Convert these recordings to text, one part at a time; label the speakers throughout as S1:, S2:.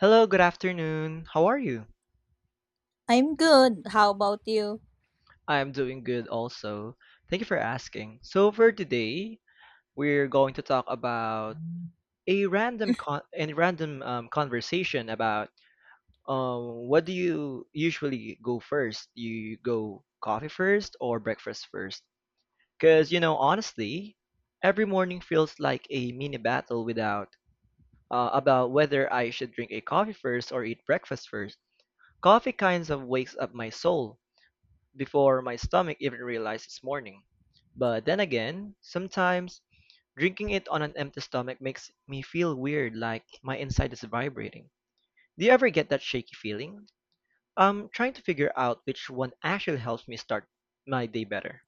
S1: Hello, good afternoon. How are you?
S2: I'm good. How about you?
S1: I'm doing good also. Thank you for asking. So for today, we're going to talk about a random conversation about what do you usually go first? You go coffee first or breakfast first? Because you know, honestly, every morning feels like a mini battle without about whether I should drink a coffee first or eat breakfast first. Coffee kinds of wakes up my soul before my stomach even realized it's morning. But then again, sometimes drinking it on an empty stomach makes me feel weird, like my inside is vibrating. Do you ever get that shaky feeling? I'm trying to figure out which one actually helps me start my day better.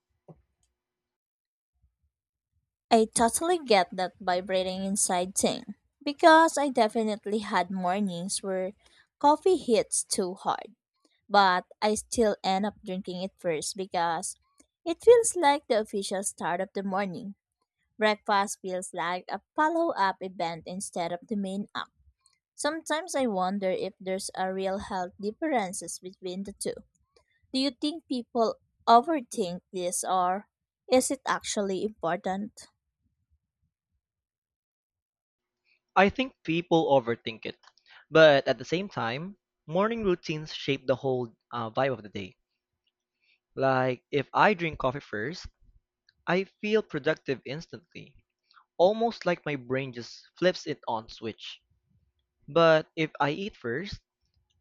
S2: I totally get that vibrating inside thing because I definitely had mornings where coffee hits too hard, but I still end up drinking it first because it feels like the official start of the morning. Breakfast feels like a follow up event instead of the main act. Sometimes I wonder if there's a real health differences between the two. Do you think people overthink this or is it actually important?
S1: I think people overthink it, but at the same time, morning routines shape the whole vibe of the day. Like, if I drink coffee first, I feel productive instantly. Almost like my brain just flips it on switch. But if I eat first,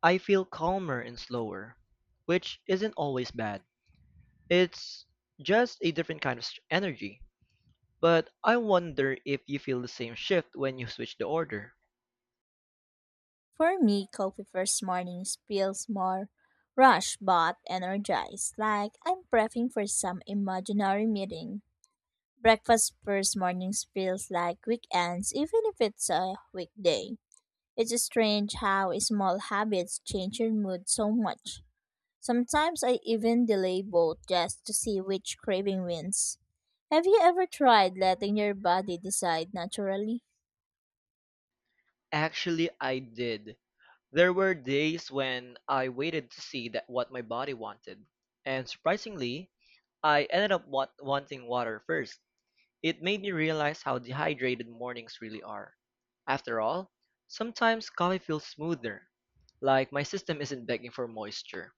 S1: I feel calmer and slower, which isn't always bad. It's just a different kind of energy. But I wonder if you feel the same shift when you switch the order.
S2: For me, coffee first mornings feels more rushed but energized, like I'm prepping for some imaginary meeting. Breakfast first mornings feels like weekends, even if it's a weekday. It's strange how small habits change your mood so much. Sometimes I even delay both just to see which craving wins. Have you ever tried letting your body decide naturally?
S1: Actually, I did. There were days when I waited to see that what my body wanted. And surprisingly, I ended up wanting water first. It made me realize how dehydrated mornings really are. After all, sometimes coffee feels smoother, like my system isn't begging for moisture.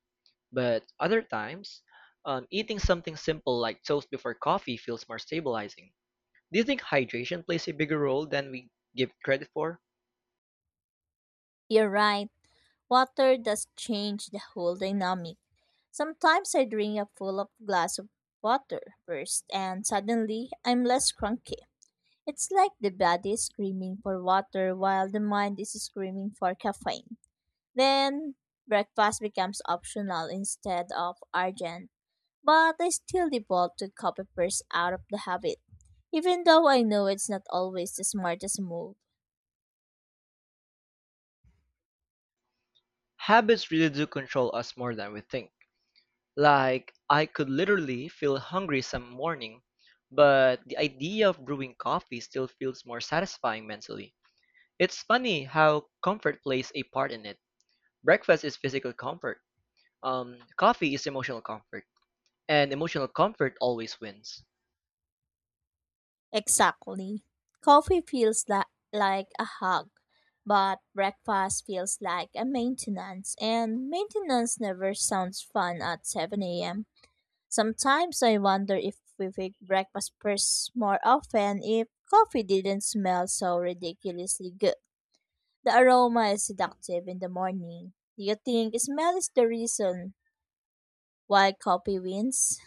S1: But other times, eating something simple like toast before coffee feels more stabilizing. Do you think hydration plays a bigger role than we give it credit for?
S2: You're right, water does change the whole dynamic. Sometimes I drink a full of glass of water first and suddenly I'm less cranky. It's like the body is screaming for water while the mind is screaming for caffeine. Then breakfast becomes optional instead of urgent, but I still default to coffee first out of the habit, even though I know it's not always the smartest move.
S1: Habits really do control us more than we think. Like, I could literally feel hungry some morning, but the idea of brewing coffee still feels more satisfying mentally. It's funny how comfort plays a part in it. Breakfast is physical comfort. Coffee is emotional comfort, and emotional comfort always wins.
S2: Exactly. Coffee feels like a hug, but breakfast feels like a maintenance, and maintenance never sounds fun at 7 a.m. Sometimes I wonder if we pick breakfast first more often if coffee didn't smell so ridiculously good. The aroma is seductive in the morning. Do you think smell is the reason why coffee wins?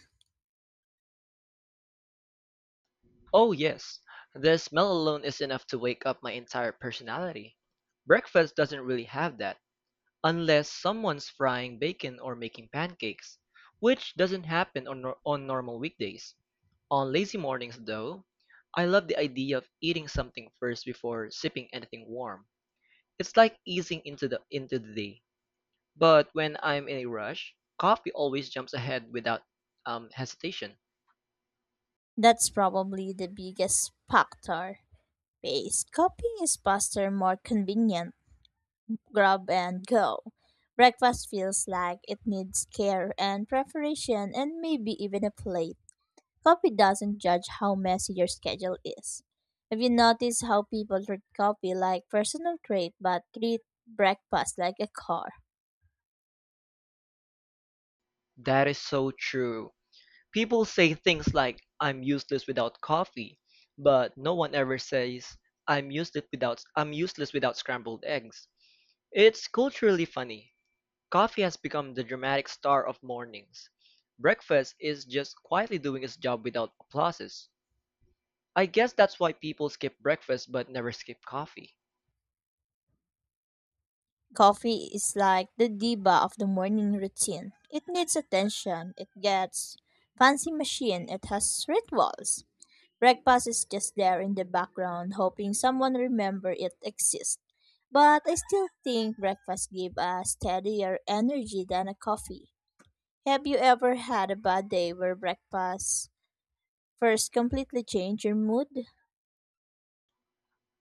S1: Oh yes, the smell alone is enough to wake up my entire personality. Breakfast doesn't really have that, unless someone's frying bacon or making pancakes, which doesn't happen on nor- on normal weekdays. On lazy mornings, though, I love the idea of eating something first before sipping anything warm. It's like easing into the day. But when I'm in a rush, coffee always jumps ahead without hesitation.
S2: That's probably the biggest factor. Pace. Coffee is faster, more convenient. Grab and go. Breakfast feels like it needs care and preparation and maybe even a plate. Coffee doesn't judge how messy your schedule is. Have you noticed how people treat coffee like personal trait but treat breakfast like a car?
S1: That is so true. People say things like, I'm useless without coffee, but no one ever says, I'm useless without scrambled eggs. It's culturally funny. Coffee has become the dramatic star of mornings. Breakfast is just quietly doing its job without applauses. I guess that's why people skip breakfast but never skip coffee.
S2: Coffee is like the diva of the morning routine. It needs attention, it gets fancy machine, it has rituals. Breakfast is just there in the background, hoping someone remember it exists. But I still think breakfast give a steadier energy than a coffee. Have you ever had a bad day where breakfast first completely changed your mood?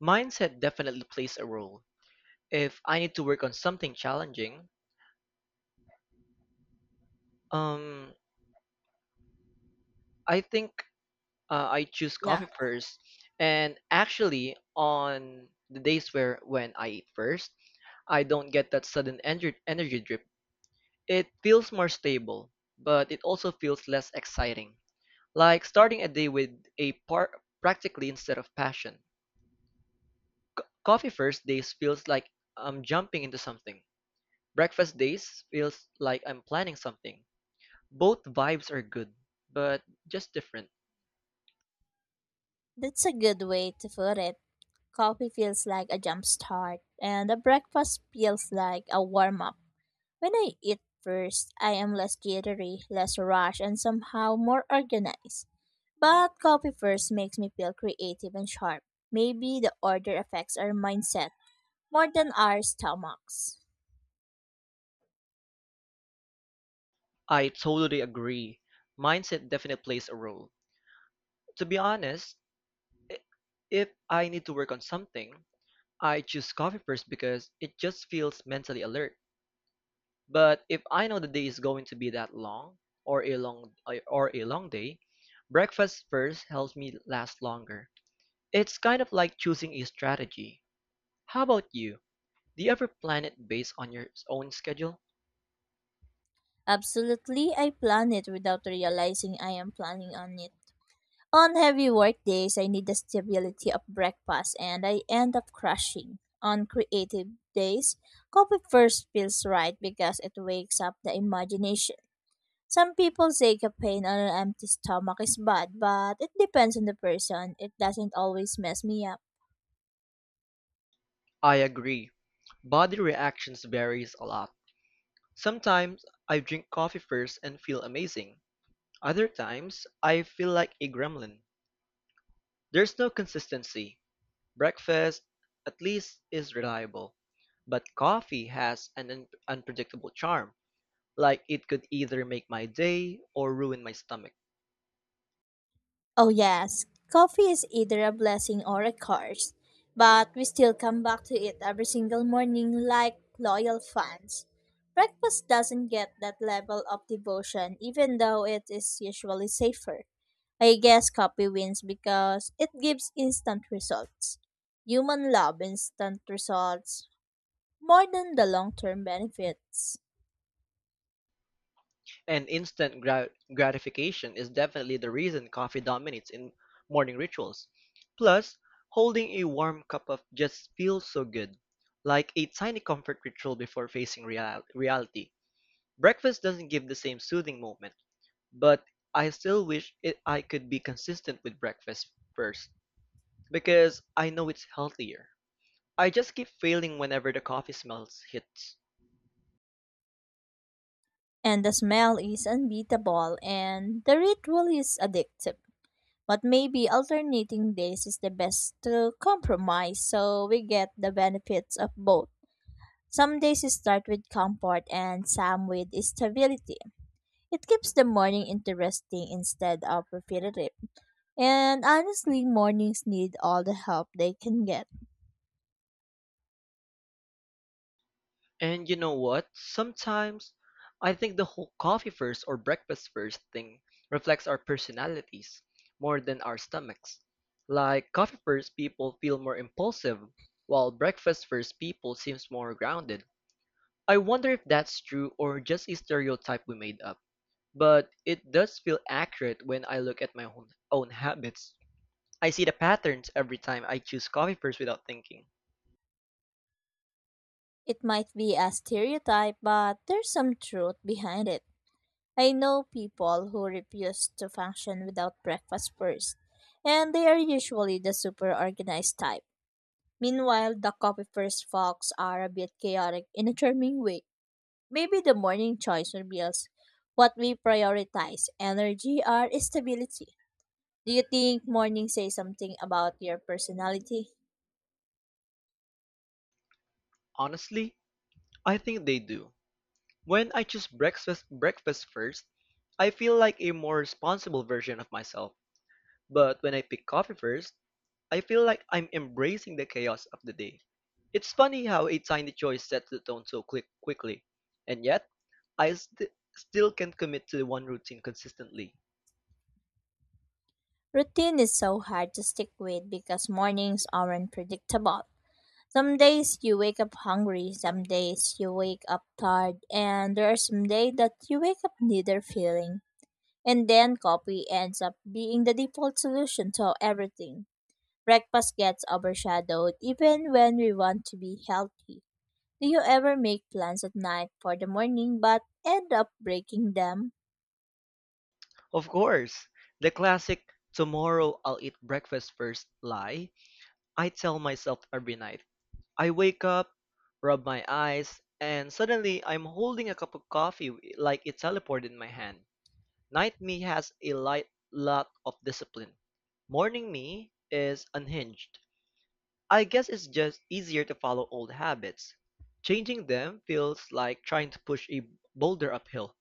S1: Mindset definitely plays a role. If I need to work on something challenging, um, I think I choose
S2: Yeah,
S1: coffee first. And actually, on the days where when I eat first, I don't get that sudden energy drip. It feels more stable, but it also feels less exciting. Like starting a day with a practically instead of passion. Coffee first days feels like I'm jumping into something. Breakfast days feels like I'm planning something. Both vibes are good, but just different.
S2: that's a good way to put it. Coffee feels like a jump start, and the breakfast feels like a warm up. When I eat first, I am less jittery, less rushed, and somehow more organized. But coffee first makes me feel creative and sharp. Maybe the order affects our mindset more than our stomachs.
S1: I totally agree. Mindset definitely plays a role. To be honest, i- if I need to work on something, I choose coffee first because it just feels mentally alert. But if I know the day is going to be that long or a long day, breakfast first helps me last longer. It's kind of like choosing a strategy. How about you? Do you ever plan it based on your own schedule?
S2: Absolutely, I plan it without realizing I am planning on it. On heavy work days, I need the stability of breakfast and I end up crashing. On creative days, coffee first feels right because it wakes up the imagination. Some people say caffeine on an empty stomach is bad, but it depends on the person. It doesn't always mess me up.
S1: I agree. Body reactions varies a lot. Sometimes I drink coffee first and feel amazing. Other times I feel like a gremlin. There's no consistency. Breakfast at least is reliable, but coffee has an unpredictable charm, like it could either make my day or ruin my stomach.
S2: Oh, yes, coffee is either a blessing or a curse, but we still come back to it every single morning like loyal fans. Breakfast doesn't get that level of devotion, even though it is usually safer. I guess coffee wins because it gives instant results. Human love instant results more than the long term benefits.
S1: And instant gratification is definitely the reason coffee dominates in morning rituals. Plus, holding a warm cup of just feels so good, like a tiny comfort ritual before facing reality. Breakfast doesn't give the same soothing moment, but I still wish I could be consistent with breakfast first because I know it's healthier. I just keep failing whenever the coffee smells hits.
S2: And the smell is unbeatable, and the ritual is addictive. But maybe alternating days is the best to compromise so we get the benefits of both. Some days you start with comfort and some with stability. It keeps the morning interesting instead of repetitive. And honestly, mornings need all the help they can get.
S1: And you know what? Sometimes I think the whole coffee first or breakfast first thing reflects our personalities more than our stomachs. Like coffee first people feel more impulsive, while breakfast first people seems more grounded. I wonder if that's true or just a stereotype we made up. But it does feel accurate when I look at my own habits. I see the patterns every time I choose coffee first without thinking.
S2: It might be a stereotype, but there's some truth behind it. I know people who refuse to function without breakfast first, and they are usually the super organized type. Meanwhile, the coffee first folks are a bit chaotic in a charming way. Maybe the morning choice reveals what we prioritize energy or stability. Do you think morning says something about your personality?
S1: Honestly, I think they do. When I choose breakfast first, I feel like a more responsible version of myself. But when I pick coffee first, I feel like I'm embracing the chaos of the day. It's funny how a tiny choice sets the tone so quickly, and yet I still can not commit to one routine consistently.
S2: Routine is so hard to stick with because mornings aren't predictable. Some days you wake up hungry, some days you wake up tired, and there are some days that you wake up neither feeling. And then coffee ends up being the default solution to everything. Breakfast gets overshadowed even when we want to be healthy. Do you ever make plans at night for the morning but end up breaking them?
S1: Of course, the classic "tomorrow I'll eat breakfast first" lie I tell myself every night. I wake up, rub my eyes, and suddenly I'm holding a cup of coffee like it teleported in my hand. Night me has a light lot of discipline. Morning me is unhinged. I guess it's just easier to follow old habits. Changing them feels like trying to push a boulder uphill.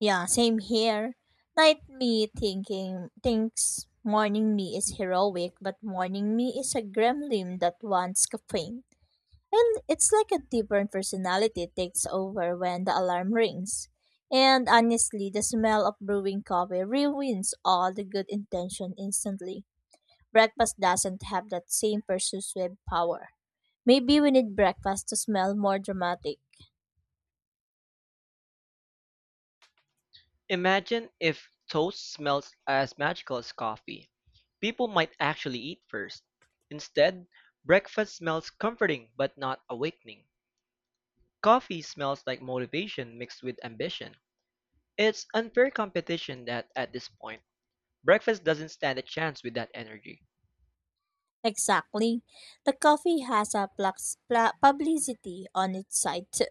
S2: Yeah, same here. Night me thinking thinks morning me is heroic, but morning me is a gremlin that wants caffeine. And it's like a different personality takes over when the alarm rings. And honestly, the smell of brewing coffee ruins all the good intention instantly. Breakfast doesn't have that same persuasive power. Maybe we need breakfast to smell more dramatic.
S1: Imagine if toast smells as magical as coffee. People might actually eat first. Instead, breakfast smells comforting but not awakening. Coffee smells like motivation mixed with ambition. It's unfair competition that, at this point, breakfast doesn't stand a chance with that energy.
S2: Exactly. The coffee has a publicity on its side too.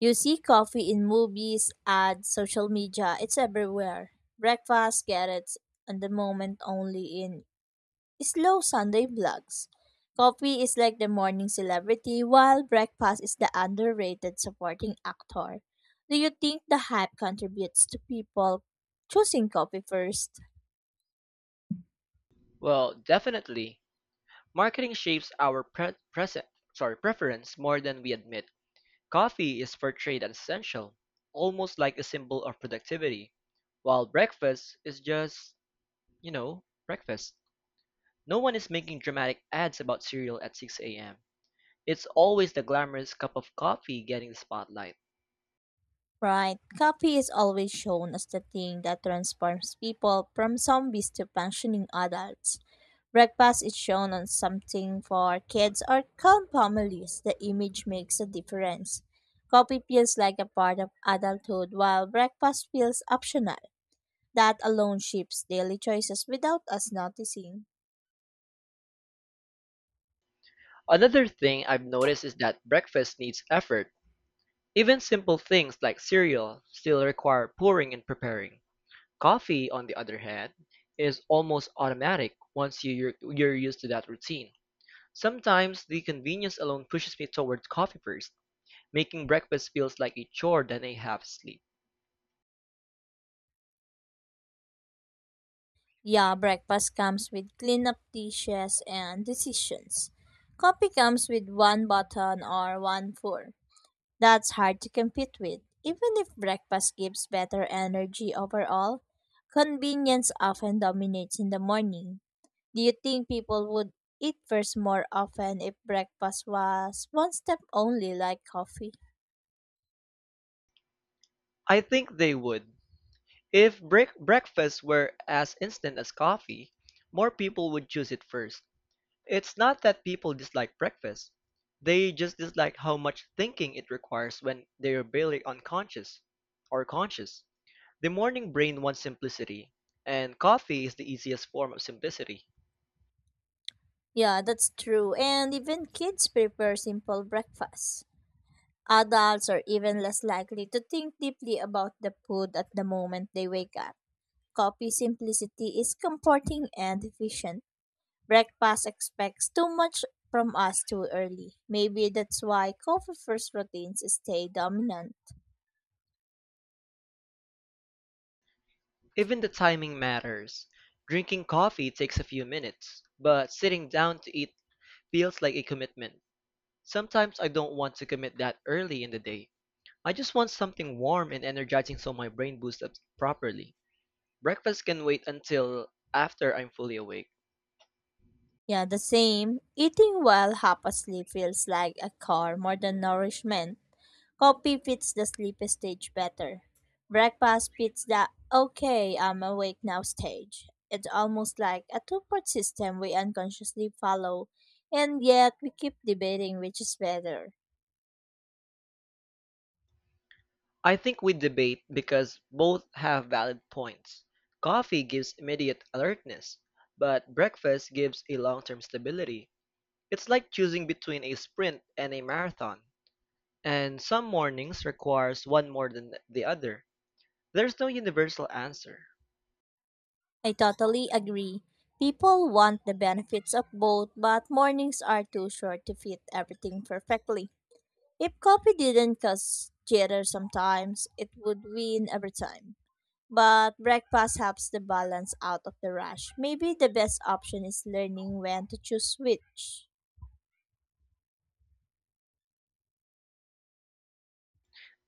S2: You see coffee in movies, ads, social media, it's everywhere. Breakfast gets it, and the moment only in slow Sunday vlogs. Coffee is like the morning celebrity, while breakfast is the underrated supporting actor. Do you think the hype contributes to people choosing coffee first?
S1: Well, definitely, marketing shapes our preference more than we admit. Coffee is portrayed as essential, almost like a symbol of productivity, while breakfast is just, breakfast. No one is making dramatic ads about cereal at 6 a.m. It's always the glamorous cup of coffee getting the spotlight.
S2: Right, coffee is always shown as the thing that transforms people from zombies to functioning adults. Breakfast is shown as something for kids or calm families. The image makes a difference. Coffee feels like a part of adulthood, while breakfast feels optional. That alone shapes daily choices without us noticing.
S1: Another thing I've noticed is that breakfast needs effort. Even simple things like cereal still require pouring and preparing. Coffee, on the other hand, is almost automatic once you're used to that routine. Sometimes the convenience alone pushes me towards coffee first, making breakfast feels like a chore than a half sleep.
S2: Yeah, breakfast comes with cleanup dishes and decisions. Coffee comes with one button or one fork. That's hard to compete with. Even if breakfast gives better energy overall, convenience often dominates in the morning. Do you think people would eat first more often if breakfast was one step only like coffee?
S1: I think they would. If breakfast were as instant as coffee, more people would choose it first. It's not that people dislike breakfast. They just dislike how much thinking it requires when they're barely unconscious or conscious. The morning brain wants simplicity, and coffee is the easiest form of simplicity.
S2: Yeah, that's true. And even kids prefer simple breakfasts. Adults are even less likely to think deeply about the food at the moment they wake up. Coffee simplicity is comforting and efficient. Breakfast expects too much from us too early. Maybe that's why coffee first routines stay dominant.
S1: Even the timing matters. Drinking coffee takes a few minutes, but sitting down to eat feels like a commitment. Sometimes I don't want to commit that early in the day. I just want something warm and energizing so my brain boosts up properly. Breakfast can wait until after I'm fully awake.
S2: Yeah, the same. Eating while half asleep feels like a chore more than nourishment. Coffee fits the sleepy stage better. Breakfast fits the okay, I'm awake now stage. It's almost like a two-part system we unconsciously follow, and yet we keep debating which is better.
S1: I think we debate because both have valid points. Coffee gives immediate alertness, but breakfast gives a long term stability. It's like choosing between a sprint and a marathon. And some mornings requires one more than the other. There's no universal answer.
S2: I totally agree. People want the benefits of both, but mornings are too short to fit everything perfectly. If coffee didn't cause jitter sometimes, it would win every time, but breakfast helps the balance out of the rush. Maybe the best option is learning when to choose which.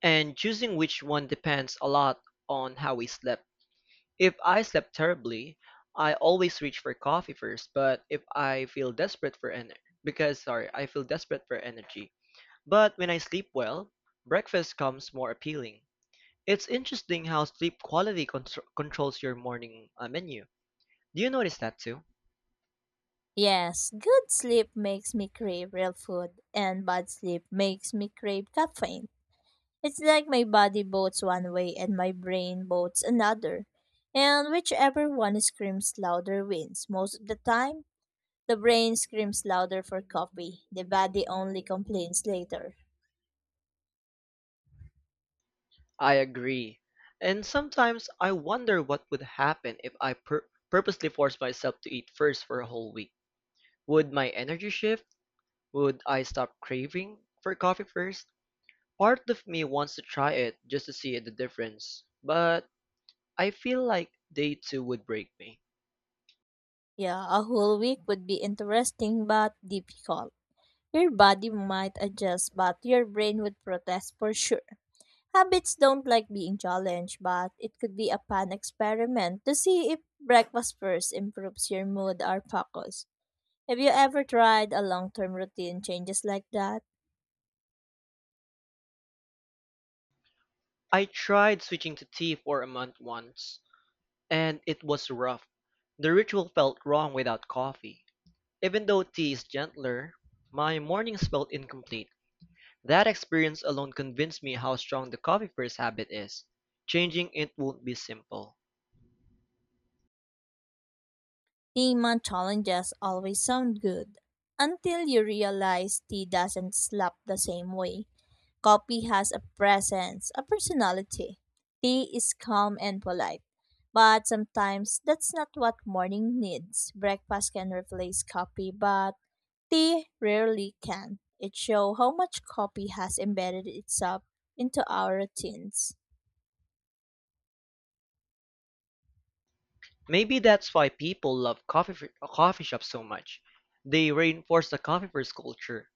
S1: And choosing which one depends a lot on how we slept. If I slept terribly, I always reach for coffee first, but if I feel desperate for energy, because sorry, I feel desperate for energy. But when I sleep well, breakfast comes more appealing. It's interesting how sleep quality controls your morning menu. Do you notice that too?
S2: Yes, good sleep makes me crave real food, and bad sleep makes me crave caffeine. It's like my body votes one way and my brain votes another. And whichever one screams louder wins. Most of the time, the brain screams louder for coffee. The body only complains later.
S1: I agree. And sometimes I wonder what would happen if I purposely forced myself to eat first for a whole week. Would my energy shift? Would I stop craving for coffee first? Part of me wants to try it just to see the difference, but I feel like day two would break me.
S2: Yeah, a whole week would be interesting but difficult. Your body might adjust, but your brain would protest for sure. Habits don't like being challenged, but it could be a fun experiment to see if breakfast first improves your mood or focus. Have you ever tried a long term routine changes like that?
S1: I tried switching to tea for a month once, and it was rough. The ritual felt wrong without coffee. Even though tea is gentler, my mornings felt incomplete. That experience alone convinced me how strong the coffee first habit is. Changing it won't be simple.
S2: Tea month challenges always sound good until you realize tea doesn't slap the same way. Coffee has a presence, a personality. Tea is calm and polite. But sometimes that's not what morning needs. Breakfast can replace coffee, but tea rarely can. It shows how much coffee has embedded itself into our routines.
S1: Maybe that's why people love coffee shops so much. They reinforce the coffee first culture.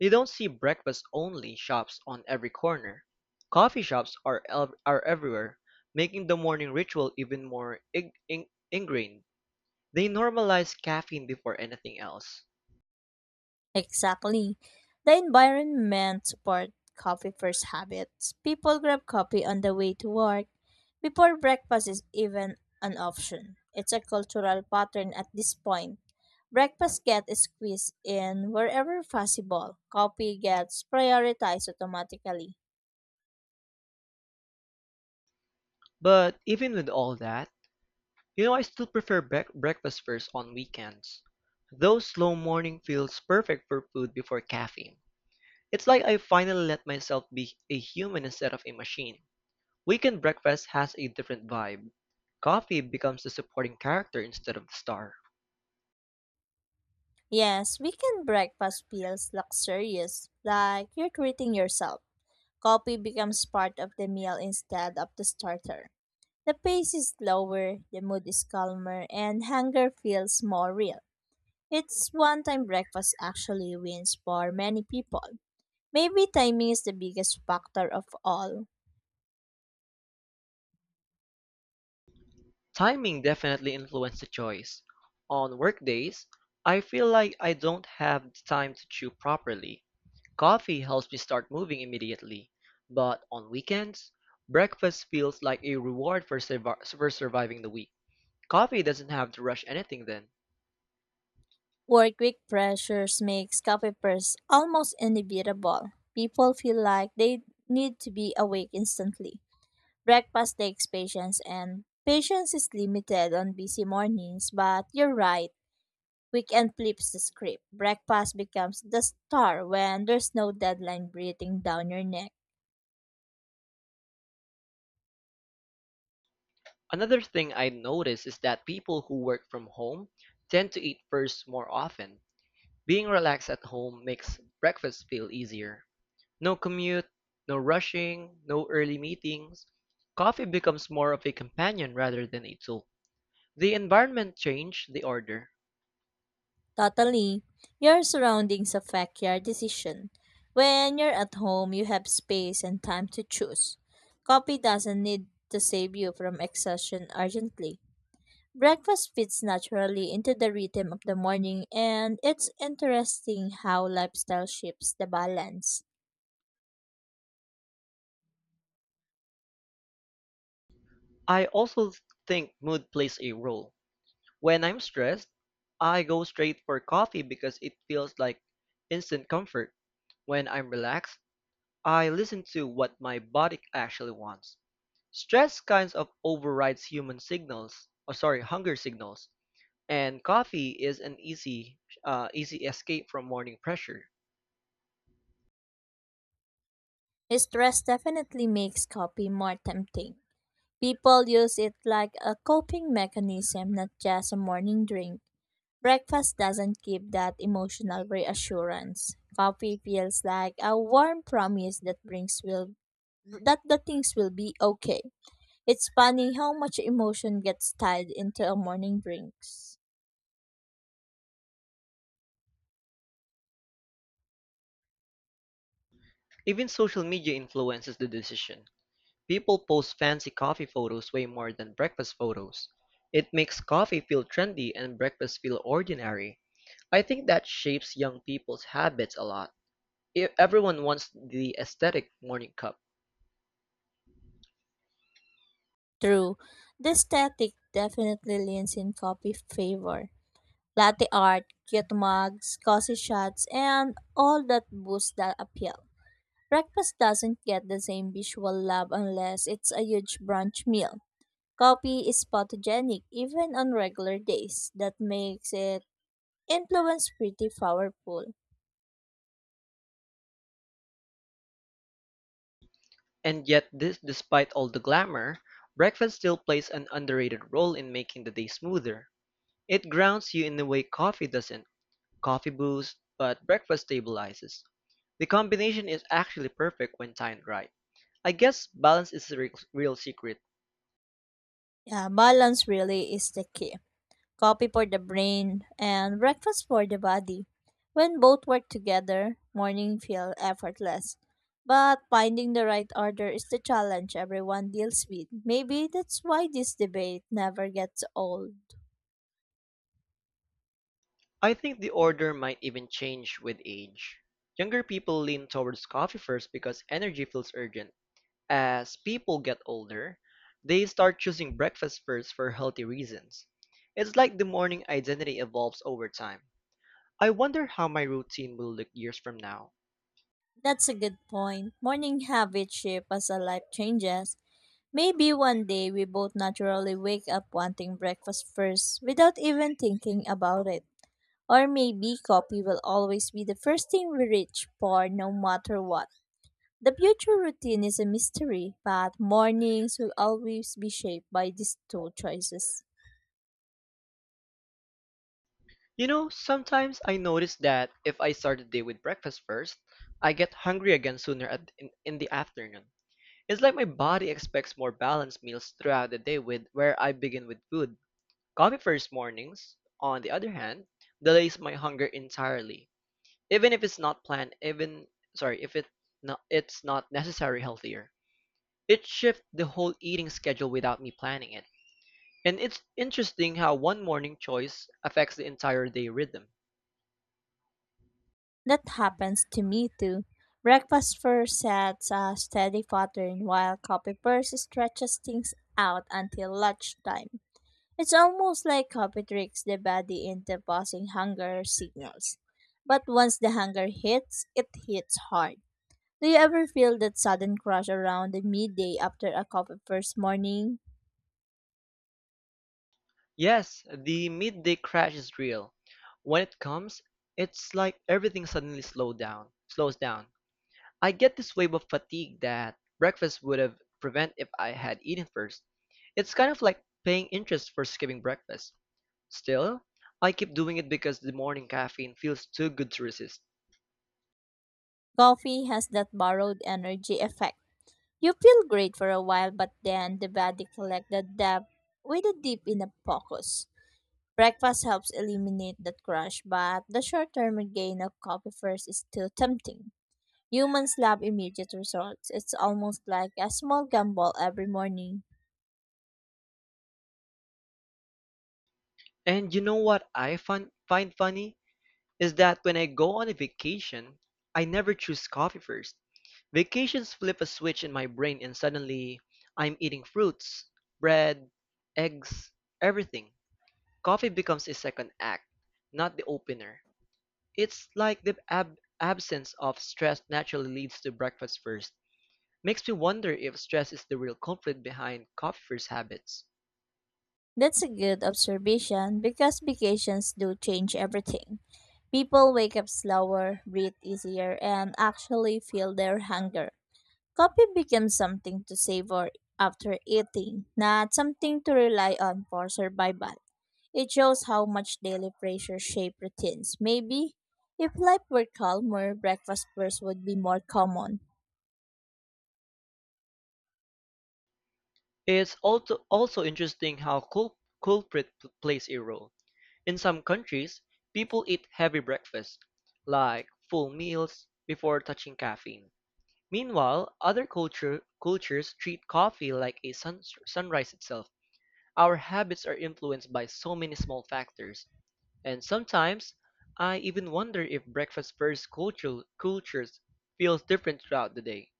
S1: You don't see breakfast-only shops on every corner. Coffee shops are everywhere, making the morning ritual even more ingrained. They normalize caffeine before anything else.
S2: Exactly. The environment support coffee first habits. People grab coffee on the way to work before breakfast is even an option. It's a cultural pattern at this point. Breakfast gets squeezed in wherever possible. Coffee gets prioritized automatically.
S1: But even with all that, you know I still prefer breakfast first on weekends. Those slow morning feels perfect for food before caffeine. It's like I finally let myself be a human instead of a machine. Weekend breakfast has a different vibe. Coffee becomes the supporting character instead of the star.
S2: Yes, weekend breakfast feels luxurious, like you're treating yourself. Coffee becomes part of the meal instead of the starter. The pace is slower, the mood is calmer, and hunger feels more real. It's one time breakfast actually wins for many people. Maybe timing is the biggest factor of all.
S1: Timing definitely influenced the choice. On workdays, I feel like I don't have the time to chew properly. Coffee helps me start moving immediately, but on weekends, breakfast feels like a reward for surviving the week. Coffee doesn't have to rush anything then.
S2: Work week pressures makes coffee first almost inevitable. People feel like they need to be awake instantly. Breakfast takes patience and patience is limited on busy mornings, but you're right. Weekend flips the script. Breakfast becomes the star when there's no deadline breathing down your neck.
S1: Another thing I notice is that people who work from home tend to eat first more often. Being relaxed at home makes breakfast feel easier. No commute, no rushing, no early meetings. Coffee becomes more of a companion rather than a tool. The environment changed the order.
S2: Totally, your surroundings affect your decision. When you're at home, you have space and time to choose. Coffee doesn't need to save you from exhaustion urgently. Breakfast fits naturally into the rhythm of the morning, and it's interesting how lifestyle shifts the balance.
S1: I also think mood plays a role. When I'm stressed, I go straight for coffee because it feels like instant comfort. When I'm relaxed, I listen to what my body actually wants. Stress kinds of overrides human signals, or sorry, hunger signals. And coffee is an easy, easy escape from morning pressure.
S2: Stress definitely makes coffee more tempting. People use it like a coping mechanism, not just a morning drink. Breakfast doesn't give that emotional reassurance. Coffee feels like a warm promise that brings will that the things will be okay. It's funny how much emotion gets tied into a morning drinks.
S1: Even social media influences the decision. People post fancy coffee photos way more than breakfast photos. It makes coffee feel trendy and breakfast feel ordinary. I think that shapes young people's habits a lot. Everyone wants the aesthetic morning cup.
S2: True, the aesthetic definitely leans in coffee favor. Latte art, cute mugs, cozy shots, and all that boosts the appeal. Breakfast doesn't get the same visual love unless it's a huge brunch meal. Coffee is photogenic even on regular days. That makes it influence pretty powerful.
S1: And yet this despite all the glamour, breakfast still plays an underrated role in making the day smoother. It grounds you in the way coffee doesn't. Coffee boosts, but breakfast stabilizes. The combination is actually perfect when timed right. I guess balance is the real secret.
S2: Yeah, balance really is the key. Coffee for the brain and breakfast for the body. When both work together, morning feel effortless. But finding the right order is the challenge everyone deals with. Maybe that's why this debate never gets old.
S1: I think the order might even change with age. Younger people lean towards coffee first because energy feels urgent. As people get older, they start choosing breakfast first for healthy reasons. It's like the morning identity evolves over time. I wonder how my routine will look years from now.
S2: That's a good point. Morning habits shape as our life changes. Maybe one day we both naturally wake up wanting breakfast first without even thinking about it. Or maybe coffee will always be the first thing we reach for no matter what. The future routine is a mystery, but mornings will always be shaped by these two choices.
S1: You know, sometimes I notice that if I start the day with breakfast first, I get hungry again sooner in the afternoon. It's like my body expects more balanced meals throughout the day with where I begin with food. Coffee first mornings, on the other hand, delays my hunger entirely. Even if it's not planned, even sorry, if it not, it's not necessarily healthier. It shifts the whole eating schedule without me planning it. And it's interesting how one morning choice affects the entire day rhythm.
S2: That happens to me too. Breakfast first sets a steady pattern while coffee first stretches things out until lunchtime. It's almost like coffee tricks the body into pausing hunger signals. But once the hunger hits, it hits hard. Do you ever feel that sudden crush around the midday after a coffee first morning?
S1: Yes, the midday crash is real. When it comes, it's like everything slows down. I get this wave of fatigue that breakfast would have prevent if I had eaten first. It's kind of like paying interest for skipping breakfast. Still, I keep doing it because the morning caffeine feels too good to resist.
S2: Coffee has that borrowed energy effect. You feel great for a while, but then the body collects the debt with a dip in the focus. Breakfast helps eliminate that crush, but the short-term gain of coffee first is too tempting. Humans love immediate results. It's almost like a small gamble every morning.
S1: And you know what I find funny? Is that when I go on a vacation, I never choose coffee first. Vacations flip a switch in my brain and suddenly I'm eating fruits, bread, eggs, everything. Coffee becomes a second act, not the opener. It's like the absence of stress naturally leads to breakfast first. Makes me wonder if stress is the real culprit behind coffee first habits.
S2: That's a good observation because vacations do change everything. People wake up slower, breathe easier, and actually feel their hunger. Coffee became something to savor after eating, not something to rely on for survival. It shows how much daily pressure shape routines. Maybe if life were calmer, breakfast first would be more common.
S1: It's also interesting how plays a role. In some countries, people eat heavy breakfasts, like full meals, before touching caffeine. Meanwhile, cultures treat coffee like a sunrise itself. Our habits are influenced by so many small factors, and sometimes I even wonder if breakfast first cultures feels different throughout the day.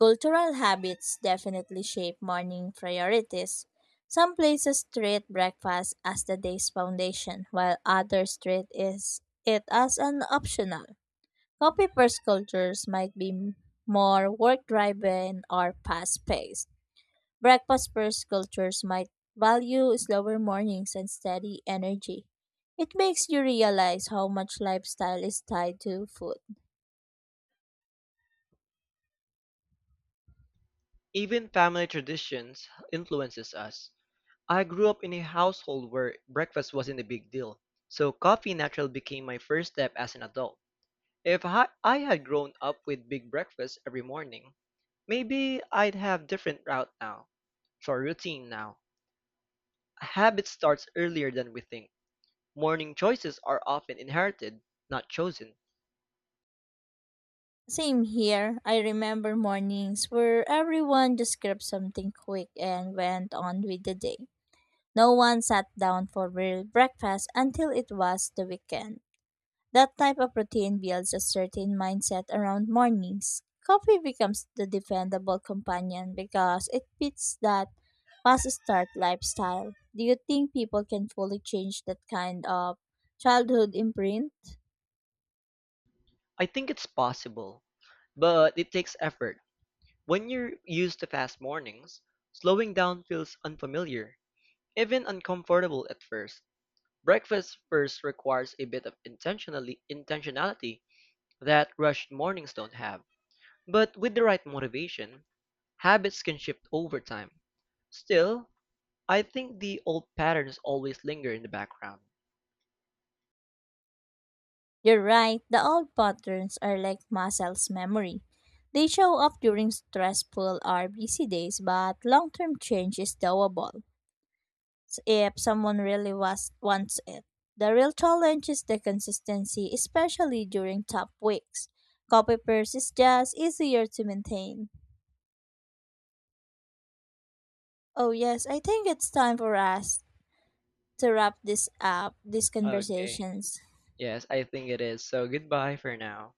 S2: Cultural habits definitely shape morning priorities. Some places treat breakfast as the day's foundation, while others treat it as an optional. Copy first cultures might be more work driven or fast paced. Breakfast first cultures might value slower mornings and steady energy. It makes you realize how much lifestyle is tied to food.
S1: Even family traditions influences us. I grew up in a household where breakfast wasn't a big deal, so coffee naturally became my first step as an adult. If I had grown up with big breakfast every morning, maybe I'd have different route now. For routine now, a habit starts earlier than we think. Morning choices are often inherited, not chosen.
S2: Same here. I remember mornings where everyone just grabbed something quick and went on with the day. No one sat down for real breakfast until it was the weekend. That type of routine builds a certain mindset around mornings. Coffee becomes the dependable companion because it fits that fast start lifestyle. Do you think people can fully change that kind of childhood imprint?
S1: I think it's possible, but it takes effort. When you're used to fast mornings, slowing down feels unfamiliar, even uncomfortable at first. Breakfast first requires a bit of intentionally intentionality that rushed mornings don't have. But with the right motivation, habits can shift over time. Still, I think the old patterns always linger in the background.
S2: You're right, the old patterns are like muscles memory. They show up during stressful or busy days, but long term change is doable if someone really wants it. The real challenge is the consistency, especially during tough weeks. Copy paste is just easier to maintain. Oh, yes, I think it's time for us to wrap this up, these
S1: Okay.
S2: conversations.
S1: Yes, I think it is. So goodbye for now.